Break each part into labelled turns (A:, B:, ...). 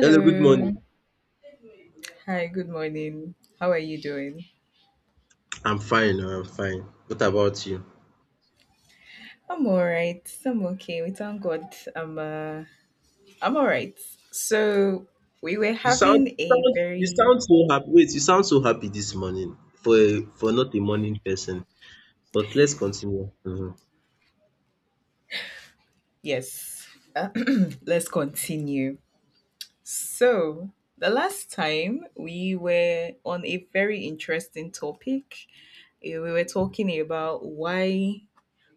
A: Hello, good morning.
B: Hi, good morning. How are you doing?
A: I'm fine. Oh, I'm fine. What about you?
B: I'm all right. I'm okay. We thank God. I'm I'm all right. So we were
A: You sound,
B: having a
A: you
B: very
A: sound so happy. Wait, you sound so happy this morning for for not a morning person. But let's continue. Mhm.
B: yes. Uh, let's continue. So the last time we were on a very interesting topic. We were talking about why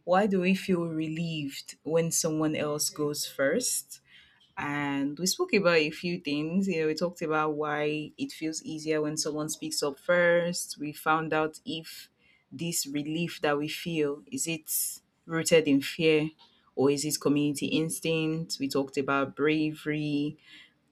B: why do we feel relieved when someone else goes first? And we spoke about a few things. You know, we talked about why it feels easier when someone speaks up first. We found out if this relief that we feel is it rooted in fear or is it community instinct. We talked about bravery,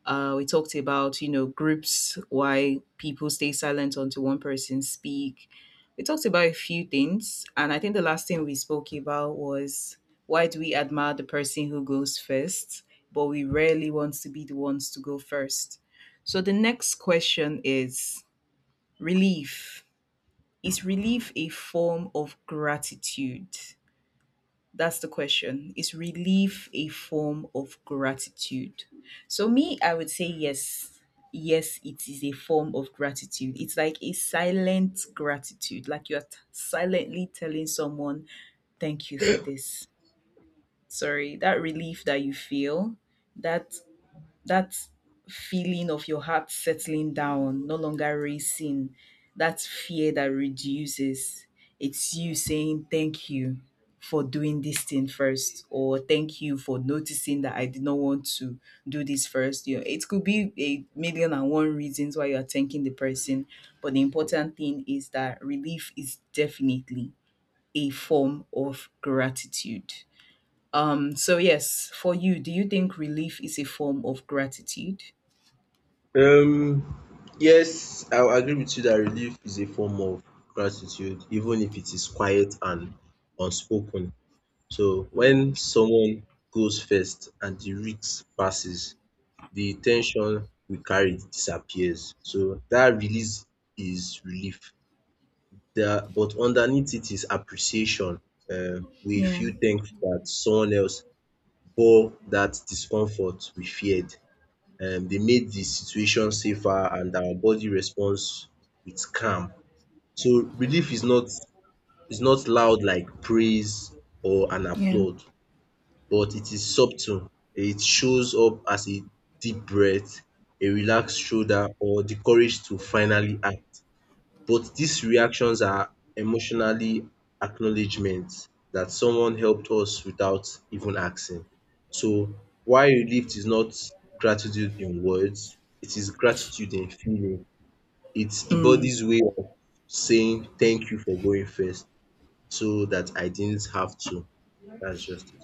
B: we talked about, you know, groups, why people stay silent until one person speak. We talked about a few things. And I think the last thing we spoke about was why do we admire the person who goes first, but we rarely want to be the ones to go first. So the next question is relief. Is relief a form of gratitude? That's the question. Is relief a form of gratitude? So, me, I would say yes. Yes, it is a form of gratitude. It's like a silent gratitude, like silently telling someone, thank you for this. Sorry, that relief that you feel, that that feeling of your heart settling down, no longer racing, that fear that reduces. It's you saying thank you for doing this thing first, or thank you for noticing that I did not want to do this first. You know, it could be a million and one reasons why you are thanking the person, but the important thing is that relief is definitely a form of gratitude. So yes, for you, do you think relief is a form of gratitude?
A: Yes, I agree with you that relief is a form of gratitude, even if it is quiet and unspoken. So when
B: Mm.
A: someone goes first and the risk passes, the ten sion we carry disappears. So that release is relief. There, but underneath it is appreciation. We
B: Yeah,
A: feel thankful that someone else bore that discomfort we feared. They made the situation safer and our body responds with calm. So relief is not loud like praise or an
B: yeah.
A: applaud, but it is subtle. It shows up as a deep breath, a relaxed shoulder, or the courage to finally act, but these reactions are emotionally acknowledgment that someone helped us without even asking. So why relief is not gratitude in words, it is gratitude in feeling. It's the
B: Mm,
A: body's way of saying thank you for going first so that I didn't have to. That's just it.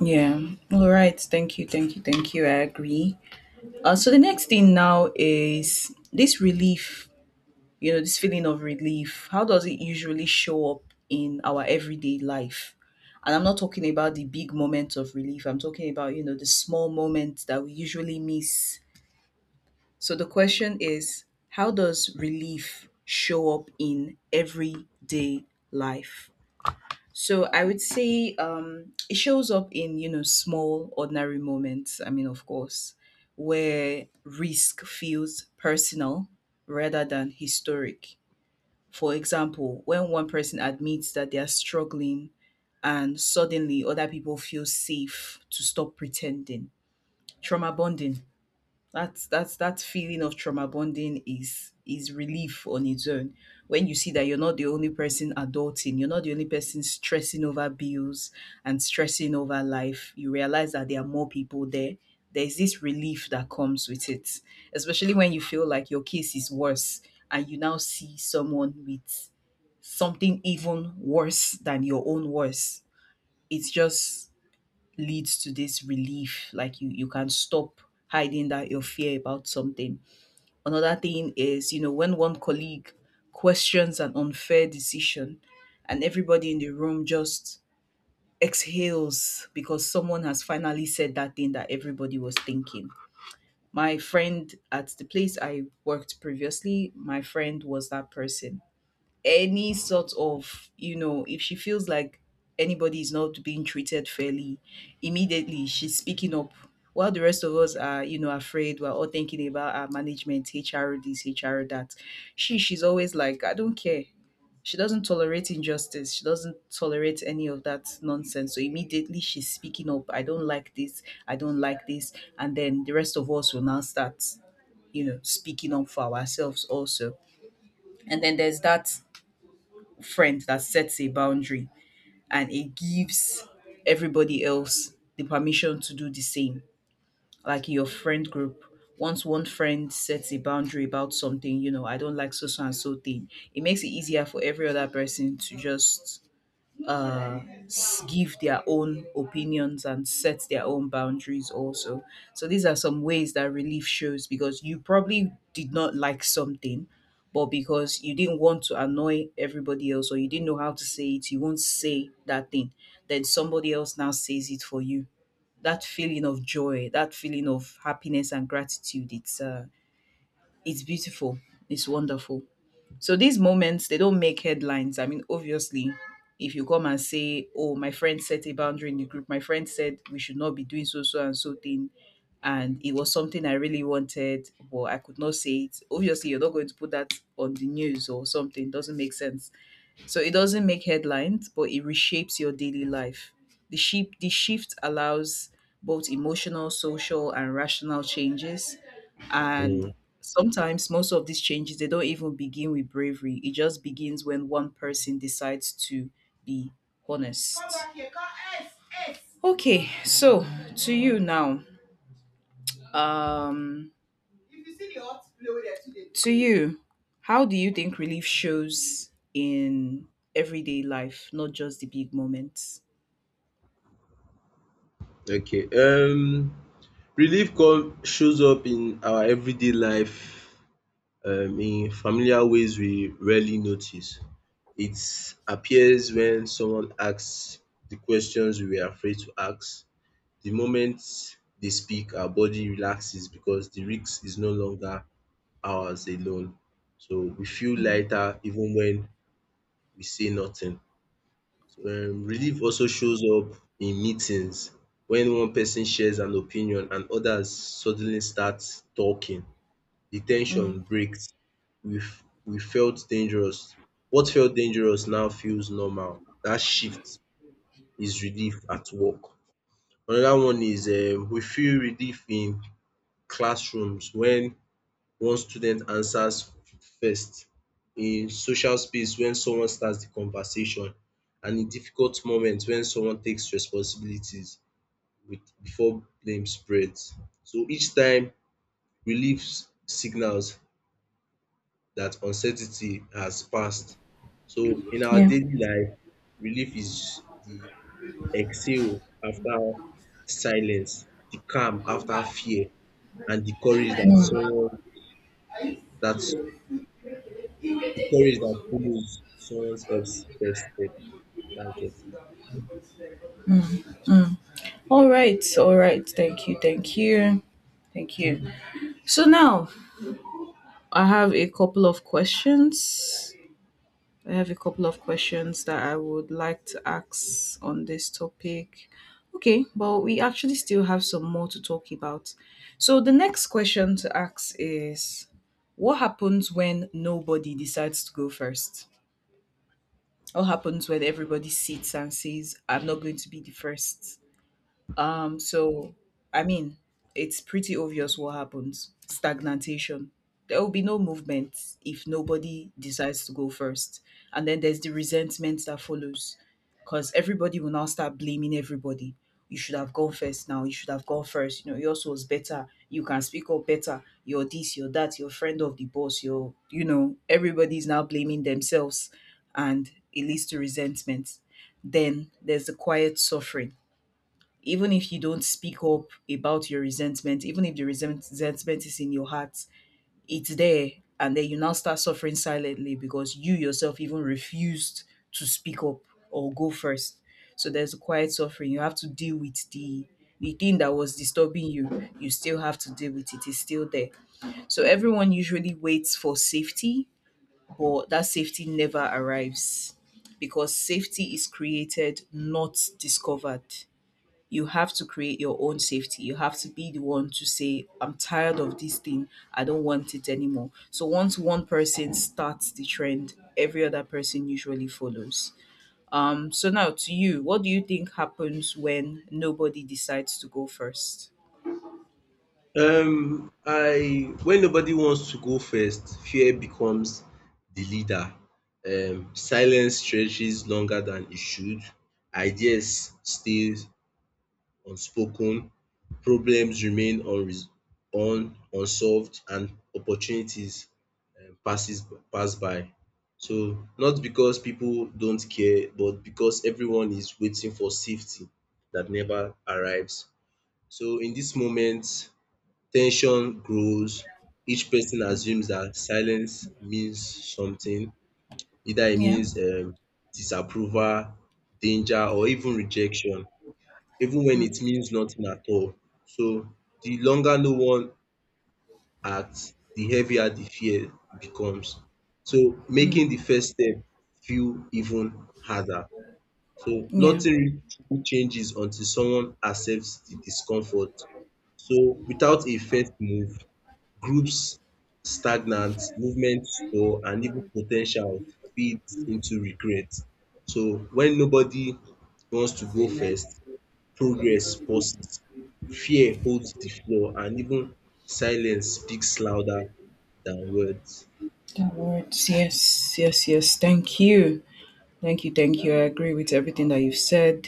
B: yeah. All right. Thank you. Thank you. Thank you. I agree. So the next thing now is this relief, you know, this feeling of relief. How does it usually show up in our everyday life? And I'm not talking about the big moments of relief. I'm talking about, you know, the small moments that we usually miss. So the question is, how does relief show up in everyday life? So I would say it shows up in you know small ordinary moments. I mean, of course, where risk feels personal rather than historic. For example, when one person admits that they are struggling, and suddenly other people feel safe to stop pretending. Trauma bonding, that's that feeling of trauma bonding is relief on its own. When you see that you're not the only person adulting, you're not the only person stressing over bills and stressing over life, you realize that there are more people there. There's this relief that comes with it, especially when you feel like your case is worse and you now see someone with something even worse than your own worse. It's just leads to this relief like you can stop hiding that your fear about something. Another thing is, you know, when one colleague questions an unfair decision and everybody in the room just exhales because someone has finally said that thing that everybody was thinking. My friend at the place I worked previously, my friend was that person. Any sort of, you know, if she feels like anybody is not being treated fairly, immediately she's speaking up while the rest of us are, you know, afraid. We're all thinking about our management, HR this, HR that. She's always like, I don't care. She doesn't tolerate injustice. She doesn't tolerate any of that nonsense. So immediately she's speaking up, I don't like this, I don't like this. And then the rest of us will now start, you know, speaking up for ourselves also. And then there's that friend that sets a boundary and it gives everybody else the permission to do the same. Like in your friend group, once one friend sets a boundary about something, you know, I don't like so so and so thing, it makes it easier for every other person to just uh, give their own opinions and set their own boundaries also. So these are some ways that relief shows because you probably did not like something, but because you didn't want to annoy everybody else or you didn't know how to say it, you won't say that thing. Then somebody else now says it for you. That feeling of joy, that feeling of happiness and gratitude, it's beautiful. It's wonderful. So these moments, they don't make headlines. I mean, obviously, if you come and say, oh, my friend set a boundary in the group, my friend said we should not be doing so, so, and so thing. And it was something I really wanted, but I could not say it. Obviously, you're not going to put that on the news or something. Doesn't make sense. So it doesn't make headlines, but it reshapes your daily life. The shift allows both emotional, social, and rational changes. And
A: Mm,
B: sometimes most of these changes they don't even begin with bravery. It just begins when one person decides to be honest. Okay, so to you now. Um to you, how do you think relief shows in everyday life, not just the big moments?
A: okay. Relief come shows up in our everyday life in familiar ways we rarely notice. It appears when someone asks the questions we were afraid to ask. The moment they speak, our body relaxes because the risk is no longer ours alone. So we feel
B: Mm,
A: lighter even when we say nothing. So, relief also shows up in meetings when one person shares an opinion and others suddenly start talking. The tension
B: mm,
A: breaks. We felt dangerous. What felt dangerous now feels normal. That shift is relief at work. Another one is we feel relief in classrooms when one student answers first, in social space when someone starts the conversation, and in difficult moments when someone takes responsibilities with before blame spreads. So each time relief signals that uncertainty has passed. So in our
B: yeah.
A: daily life, relief is the exhale after silence, the calm after fear, and the courage that someone that's the courage that follows someone else's first step. That's just it.
B: All right. All right. Thank you. Thank you. Thank you. So now I have a couple of questions. I have a couple of questions that I would like to ask on this topic. Okay, but we actually still have some more to talk about. So the next question to ask is what happens when nobody decides to go first? What happens when everybody sits and says, I'm not going to be the first? So I mean, it's pretty obvious what happens. Stagnation. There will be no movement if nobody decides to go first. And then there's the resentment that follows. Because everybody will now start blaming everybody. You should have gone first now. You should have gone first. You know, yours was better. You can speak up better. You're this, you're that, you're friend of the boss, you're you know, everybody's now blaming themselves and it leads to resentment. Then there's the quiet suffering even if you don't speak up about your resentment, even if the resentment is in your heart, it's there. And then you now start suffering silently because you yourself even refused to speak up or go first. So there's a quiet suffering. You have to deal with the thing that was disturbing you. You still have to deal with it. It's still there. So everyone usually waits for safety, but that safety never arrives because safety is created, not discovered. You have to create your own safety. You have to be the one to say, I'm tired of this thing. I don't want it anymore. So once one person starts the trend, every other person usually follows. So now to you, what do you think happens when nobody decides to go first?
A: I When nobody wants to go first, fear becomes the leader. Silence stretches longer than it should. Ideas stays unspoken, problems remain unsolved, and opportunities um passes pass by. So not because people don't care, but because everyone is waiting for safety that never arrives. So in this moment tension grows, each person assumes that silence means something, either it
B: Yeah.
A: means disapproval, danger, or even rejection, even when it means nothing at all. So the longer no one acts, the heavier the fear becomes, so
B: Hmm.
A: making the first step feel even harder. So
B: Yeah.
A: nothing really changes until someone accepts the discomfort. So without a first move, groups stagnant, movement stall, and even potential feeds into regret. So when nobody wants to go first, progress pauses, fear holds the floor, and even silence speaks louder than words.
B: The words. Yes. Yes, yes, yes. Thank you. Thank you, thank you. I agree with everything that you've said.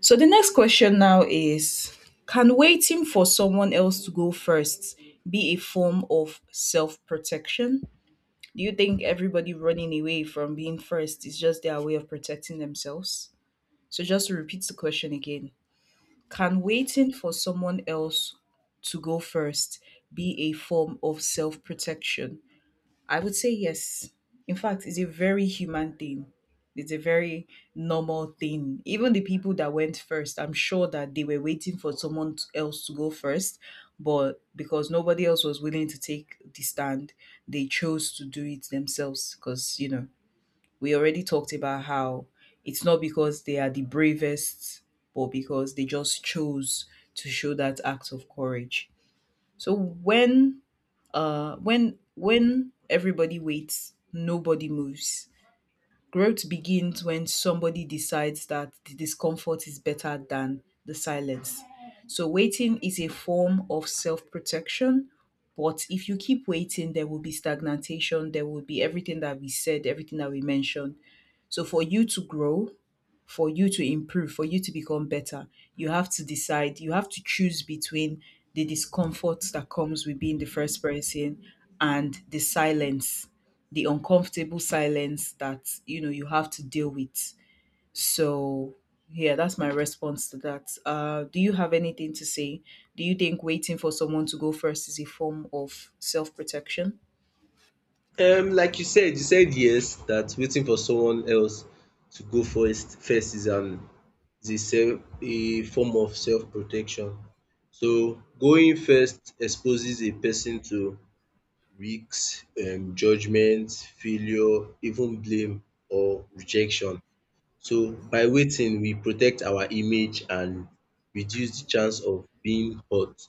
B: So the next question now is, can waiting for someone else to go first be a form of self protection? Do you think everybody running away from being first is just their way of protecting themselves? So just to repeat the question again, can waiting for someone else to go first be a form of self protection? I would say yes. In fact, it's a very human thing. It's a very normal thing. Even the people that went first, I'm sure that they were waiting for someone else to go first, but because nobody else was willing to take the stand, they chose to do it themselves. Because, you know, we already talked about how it's not because they are the bravest, but because they just chose to show that act of courage. So when everybody waits, nobody moves. Growth begins when somebody decides that the discomfort is better than the silence. So waiting is a form of self-protection, but if you keep waiting, there will be stagnation, there will be everything that we said, everything that we mentioned. So for you to grow, for you to improve, for you to become better, you have to decide, you have to choose between the discomfort that comes with being the first person and the silence, the uncomfortable silence that you know you have to deal with. So yeah, that's my response to that. Do you have anything to say? Do you think waiting for someone to go first is a form of self protection?
A: Like you said yes, that waiting for someone else to go first is an is a self a form of self protection. So going first exposes a person to risks, judgment, failure, even blame or rejection. So by waiting we protect our image and reduce the chance of being hurt.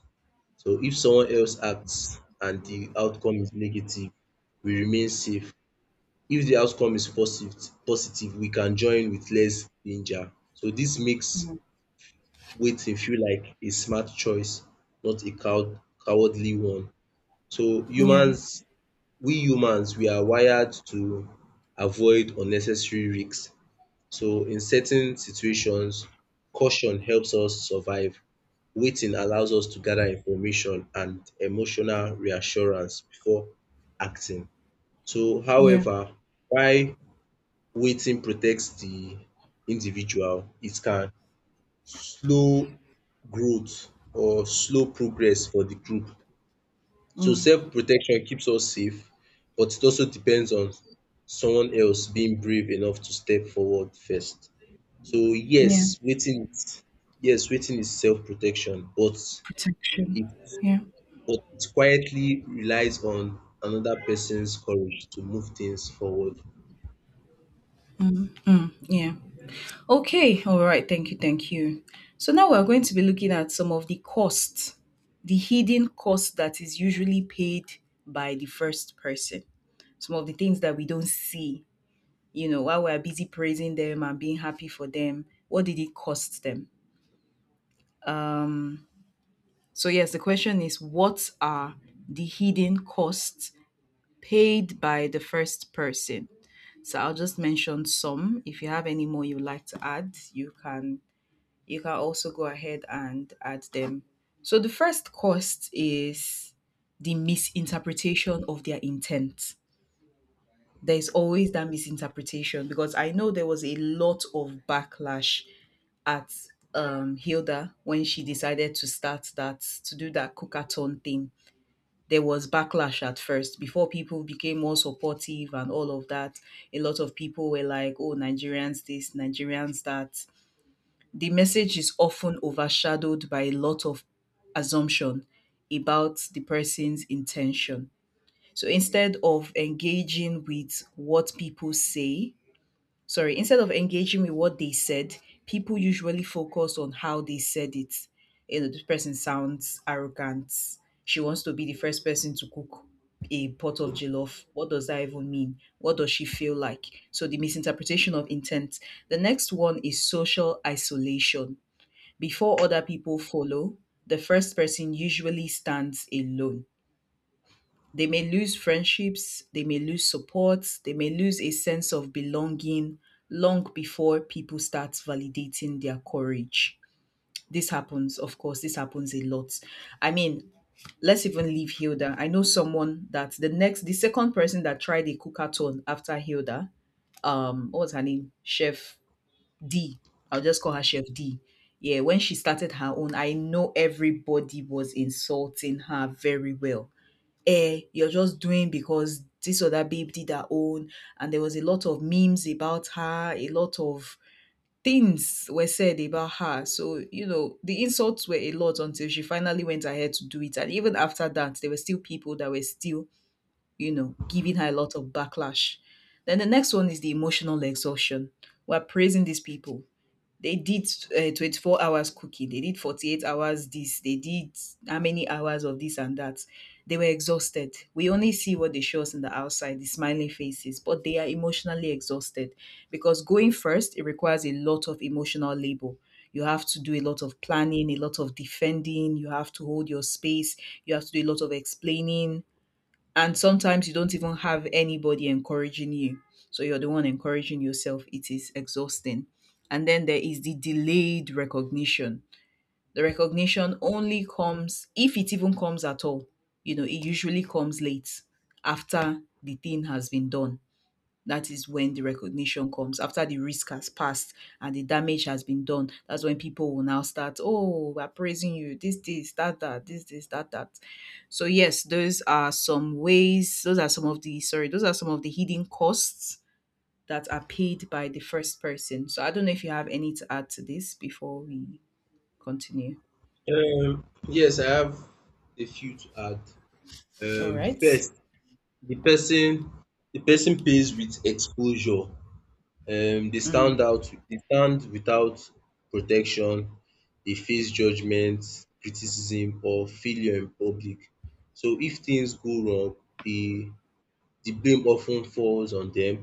A: So if someone else acts and the outcome is negative, we remain safe. If the outcome is positive, we can join with less danger. So this makes waiting feel like a smart choice, not a cowardly one. So
B: Yeah.
A: humans we are wired to avoid unnecessary risks. So in certain situations, caution helps us survive. Waiting allows us to gather information and emotional reassurance before acting. So
B: Yeah.
A: however, while waiting protects the individual, it can slow growth or slow progress for the group. So
B: Mm.
A: self-protection keeps us safe, but it also depends on someone else being brave enough to step forward first. So
B: Yeah.
A: yes, waiting is self-protection,
B: Protection.
A: it
B: Yeah.
A: but it quietly relies on another person's courage to move things forward.
B: Mm, yeah. Okay. All right. Thank you. Thank you. So now we're going to be looking at some of the costs, the hidden cost that is usually paid by the first person. Some of the things that we don't see, while we're busy praising them and being happy for them, what did it cost them? Um, yes, the question is what are the hidden costs paid by the first person? So, I'll just mention some. If you have any more you'd like to add, you can also go ahead and add them. So the first cost is the misinterpretation of their intent. There's always that misinterpretation because I know there was a lot of backlash at Hilda when she decided to do that cookathon thing. There was backlash at first before people became more supportive and all of that. A lot of people were like, oh, Nigerians this, Nigerians that, the message is often overshadowed by a lot of assumption about the person's intention. So instead of engaging with what they said, people usually focus on how they said it. You know, this person sounds arrogant. She wants to be the first person to cook a pot of jollof. What does that even mean? What does she feel like? So the misinterpretation of intent. The next one is social isolation. Before other people follow, the first person usually stands alone. They may lose friendships, they may lose support, they may lose a sense of belonging long before people start validating their courage. This happens, of course, this happens a lot. I mean, let's even leave Hilda. I know someone that the second person that tried a cookathon after Hilda, what was her name? Chef D. I'll just call her Chef D. Yeah, when she started her own, I know everybody was insulting her very well. Eh, you're just doing because this other babe did her own, and there was a lot of memes about her, a lot of things were said about her. So, you know, the insults were a lot until she finally went ahead to do it. And even after that, there were still people that were still, you know, giving her a lot of backlash. Then the next one is the emotional exhaustion. We're praising these people, they did 24 hours cooking. They did 48 hours this. They did how many hours of this and that. They were exhausted. We only see what they show us on the outside, the smiling faces, but they are emotionally exhausted because going first, it requires a lot of emotional labor. You have to do a lot of planning, a lot of defending. You have to hold your space. You have to do a lot of explaining, and sometimes you don't even have anybody encouraging you. So you're the one encouraging yourself. It is exhausting. And then there is the delayed recognition. The recognition only comes, if it even comes at all, you know, it usually comes late after the thing has been done. That is when the recognition comes, after the risk has passed and the damage has been done. That's when people will now start, oh, we're praising you, this, that, that, this, that, that. So yes, those are some of those are some of the hidden costs that are paid by the first person. So I don't know if you have any to add to this before we continue.
A: Yes, I have a few to add.
B: All right.
A: First, the person the person pays with exposure. They
B: Mm,
A: stand out. They stand without protection. They face judgment, criticism, or failure in public. So if things go wrong, they the blame often falls on them.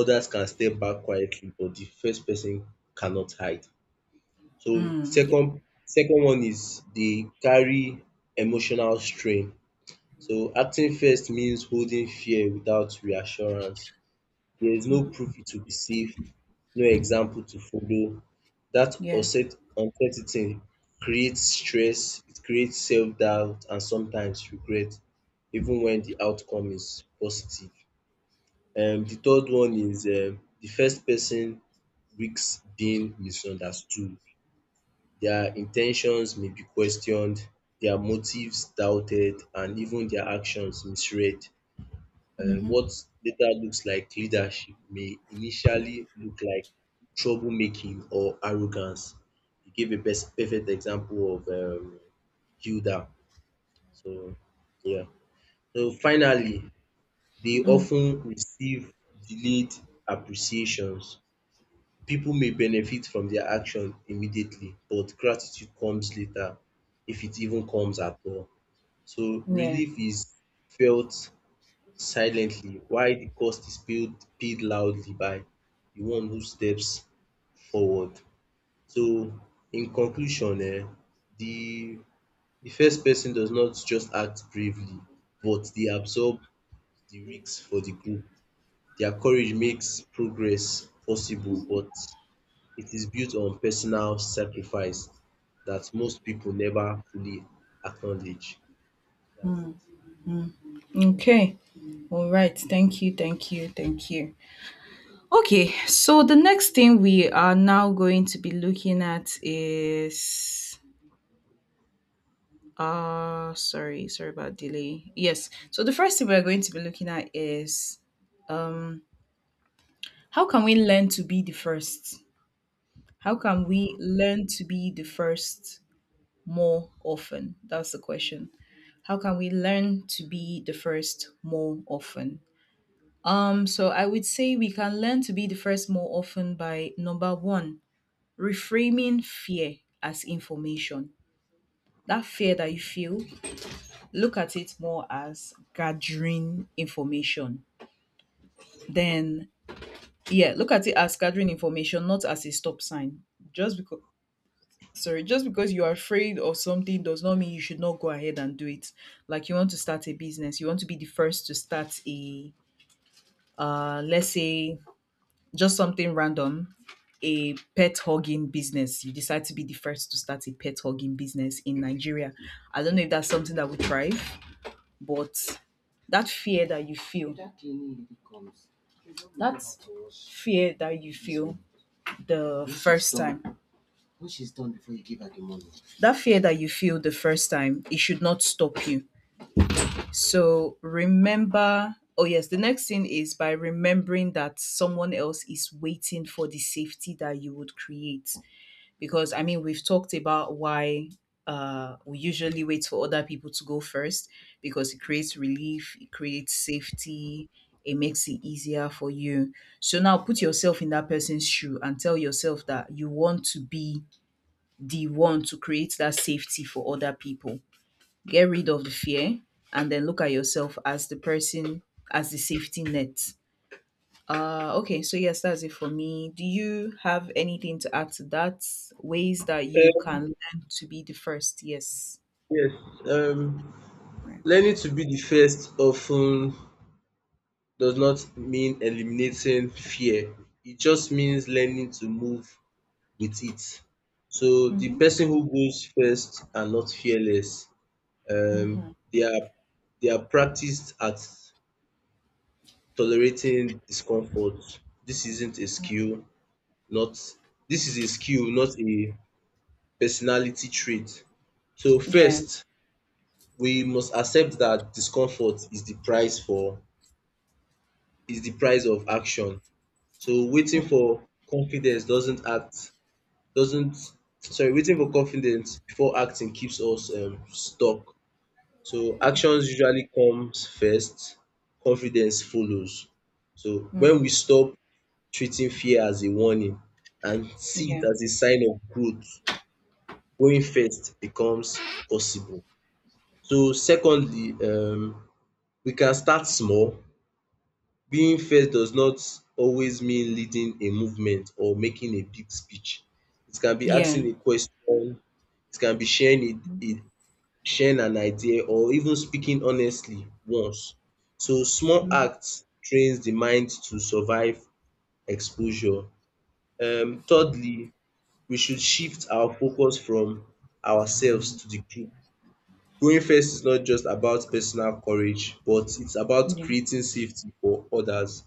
A: Others can step back quietly, but the first person cannot hide. So
B: mm, yeah.
A: second one is they carry emotional strain. So acting first means holding fear without reassurance. There is no
B: Mm,
A: proof it will be safe, no example to follow. That
B: yeah.
A: uncertainty creates stress, it creates self-doubt and sometimes regret even when the outcome is positive. The third one is the first person risks being misunderstood. Their intentions may be questioned, their motives doubted, and even their actions misread.
B: Hmm.
A: What later looks like leadership may initially look like troublemaking or arrogance. He gave a best perfect example of Hilda. So yeah. So finally, they
B: Mm,
A: often receive delayed appreciations. People may benefit from their action immediately, but gratitude comes later, if it even comes at all. So
B: yeah.
A: relief is felt silently, while the cost is paid loudly by the one who steps forward. So in conclusion, um, the the first person does not just act bravely, but they absorb the risks for the group. Their courage makes progress possible, but it is built on personal sacrifice that most people never fully acknowledge. That's
B: Mm. Okay. All right. Thank you. Thank you. Thank you. Okay. So the next thing we are now going to be looking at is sorry, sorry about delay. Yes. So the first thing we're going to be looking at is um how can we learn to be the first? How can we learn to be the first more often? That's the question. How can we learn to be the first more often? So I would say we can learn to be the first more often by number 1, reframing fear as information. That fear that you feel, look at it more as gathering information. Then, yeah, look at it as gathering information, not as a stop sign. Just because, just because you are afraid of something does not mean you should not go ahead and do it. Like you want to start a business, you want to be the first to start a, let's say, just something random. A pet hogging business. You decide to be the first to start a pet hogging business in Nigeria. I don't know if that's something that would thrive, but that fear that you feel, that fear that you feel the first time, that fear that you feel the first time, it should not stop you. So remember, oh, yes, the next thing is by remembering that someone else is waiting for the safety that you would create, because I mean we've talked about why we usually wait for other people to go first because it creates relief, it creates safety, it makes it easier for you. So now put yourself in that person's shoe and tell yourself that you want to be the one to create that safety for other people. Get rid of the fear and then look at yourself as the person, as the safety net. Okay, so yes, that's it for me. Do you have anything to add to that? Ways that you
A: it.
B: can learn to be the first? Yes.
A: Yes,
B: Right.
A: learning to be the first often does not mean eliminating fear. It just means learning to move with it. So the
B: Mm-hmm.
A: person who goes first are not fearless.
B: Mm-hmm.
A: They are practiced at tolerating discomfort. This isn't a skill, not this is a skill, not a personality trait. So
B: Yeah.
A: first, we must accept that discomfort is the price for is the price of action. So waiting for confidence doesn't act doesn't sorry waiting for confidence before acting keeps us stuck. So actions usually comes first, confidence follows. So when
B: Mm-hmm.
A: we stop treating fear as a warning and see it
B: Yeah.
A: as a sign of growth, going first becomes possible. So secondly, we can start small. Being first does not always mean leading a movement or making a big speech. It can be
B: Yeah.
A: asking a question, it can be sharing a sharing an idea, or even speaking honestly once. So small acts trains the mind to survive exposure. Thirdly, we should shift our focus from ourselves to the group. Going first is not just about personal courage, but it's about
B: Yeah.
A: creating safety for others.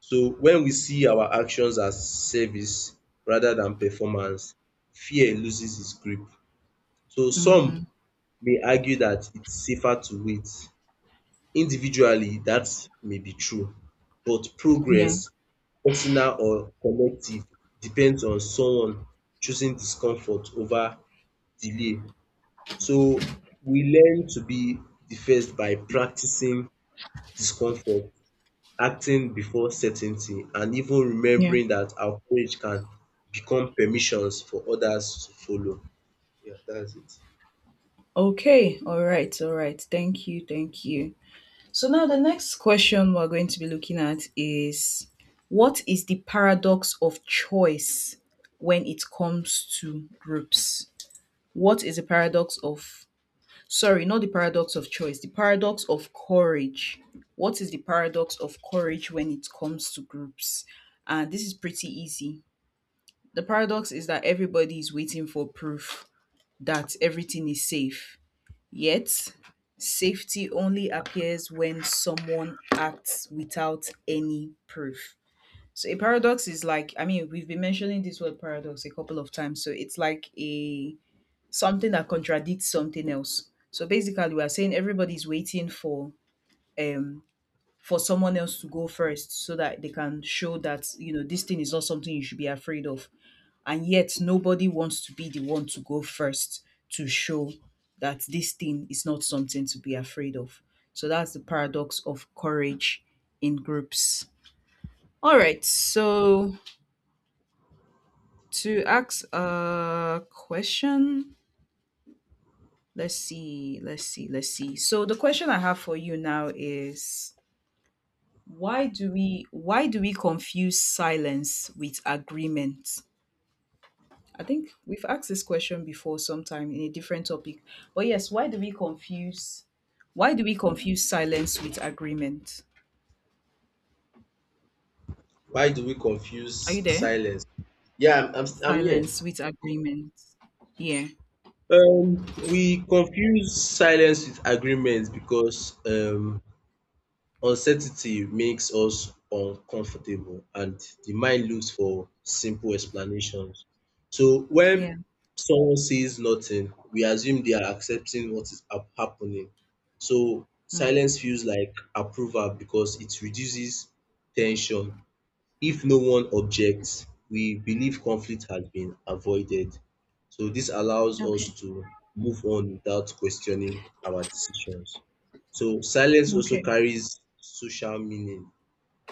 A: So when we see our actions as service rather than performance, fear loses its grip. So
B: Mm-hmm.
A: some may argue that it's safer to wait. Individually, that may be true, but
B: Yeah.
A: progress, personal or collective, depends on someone choosing discomfort over delay. So we learn to be the by practicing discomfort, acting before certainty, and even
B: Yeah.
A: remembering that our courage can become permissions for others to follow. Yeah, that's it.
B: Okay. All right. All right. Thank you. Thank you. So now the next question we're going to be looking at is what is the paradox of choice when it comes to groups? What is the paradox of Sorry, not the paradox of choice, the paradox of courage. What is the paradox of courage when it comes to groups? And this is pretty easy. The paradox is that everybody is waiting for proof that everything is safe. Yet, safety only appears when someone acts without any proof. So, a paradox is like, I mean, we've been mentioning this word paradox a couple of times. So, it's like a something that contradicts something else. So basically, we are saying everybody's waiting um for someone else to go first so that they can show that, you know, this thing is not something you should be afraid of, and yet nobody wants to be the one to go first to show that this thing is not something to be afraid of. So that's the paradox of courage in groups. All right, so to ask a question, let's see, let's see, let's see. So the question I have for you now is why do we confuse silence with agreement? I think we've asked this question before sometime in a different topic. But yes, why do we confuse silence with agreement?
A: Why do we confuse
B: Are you there?
A: silence? Yeah, I'm here.
B: Silence with agreement. Yeah.
A: We confuse silence with agreement because uncertainty makes us uncomfortable and the mind looks for simple explanations. So
B: Yeah.
A: when someone says nothing, we assume they are accepting what is happening. So
B: Mm.
A: silence feels like approval because it reduces tension. If no one objects, we believe conflict has been avoided. So this allows us
B: Okay.
A: to move on without questioning our decisions. So silence also
B: Okay.
A: carries social meaning.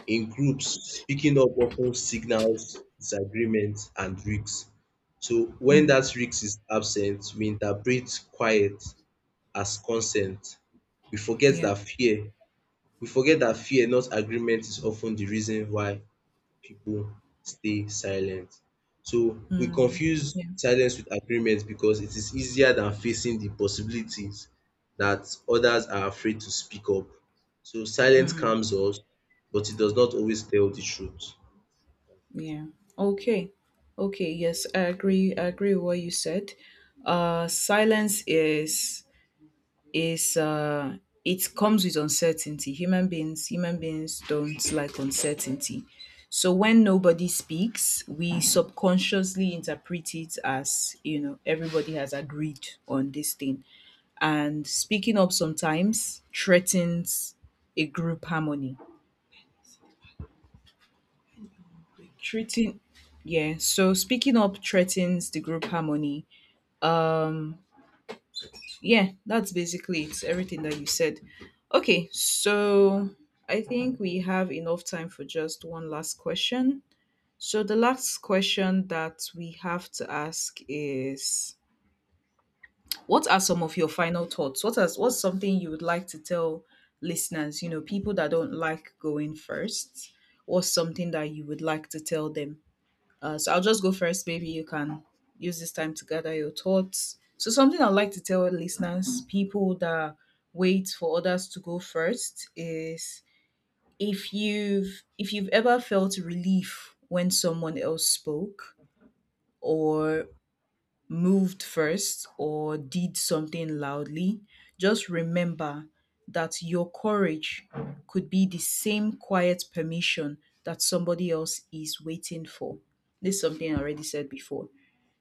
A: In groups, speaking up often signals disagreement and risks. So when
B: Mm.
A: that risk is absent, we interpret quiet as consent. We forget
B: Yeah.
A: that fear, we forget that fear, not agreement, is often the reason why people stay silent. So we
B: Mm.
A: confuse
B: Yeah.
A: silence with agreement because it is easier than facing the possibilities that others are afraid to speak up. So silence
B: Mm.
A: calms us, but it does not always tell the truth.
B: Yeah. Okay. Okay. Yes, I agree. I agree with what you said. Silence is is uh, it comes with uncertainty. Human beings don't like uncertainty. So when nobody speaks, we subconsciously interpret it as, you know, everybody has agreed on this thing, and speaking up sometimes threatens a group harmony. Treating yeah, so speaking up threatens the group harmony. um yeah, that's basically it, everything that you said. Okay, so I think we have enough time for just one last question. So the last question that we have to ask is, what are some of your final thoughts? What's something you would like to tell listeners, you know, people that don't like going first, or something that you would like to tell them? So I'll just go first. Maybe you can use this time to gather your thoughts. So, something I'd like to tell listeners, people that wait for others to go first, is if you've ever felt relief when someone else spoke or moved first or did something loudly, just remember that your courage could be the same quiet permission that somebody else is waiting for. This is something I already said before.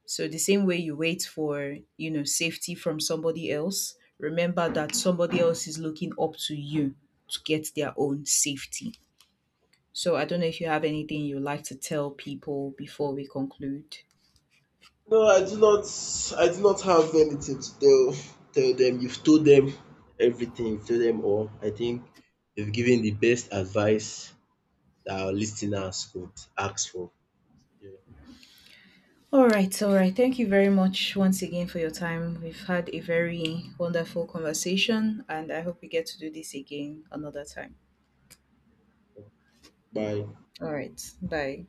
B: So the same way you wait for, you know, safety from somebody else, remember that somebody else is looking up to you to get their own safety. So I don't know if you have anything you'd like to tell people before we conclude.
A: No, I do not have anything to tell them. You've told them everything, you've told them all. I think you've given the best advice that our listeners could ask for. Yeah.
B: All right, all right. Thank you very much once again for your time. We've had a very wonderful conversation and I hope we get to do this again another time.
A: Bye.
B: All right. Bye.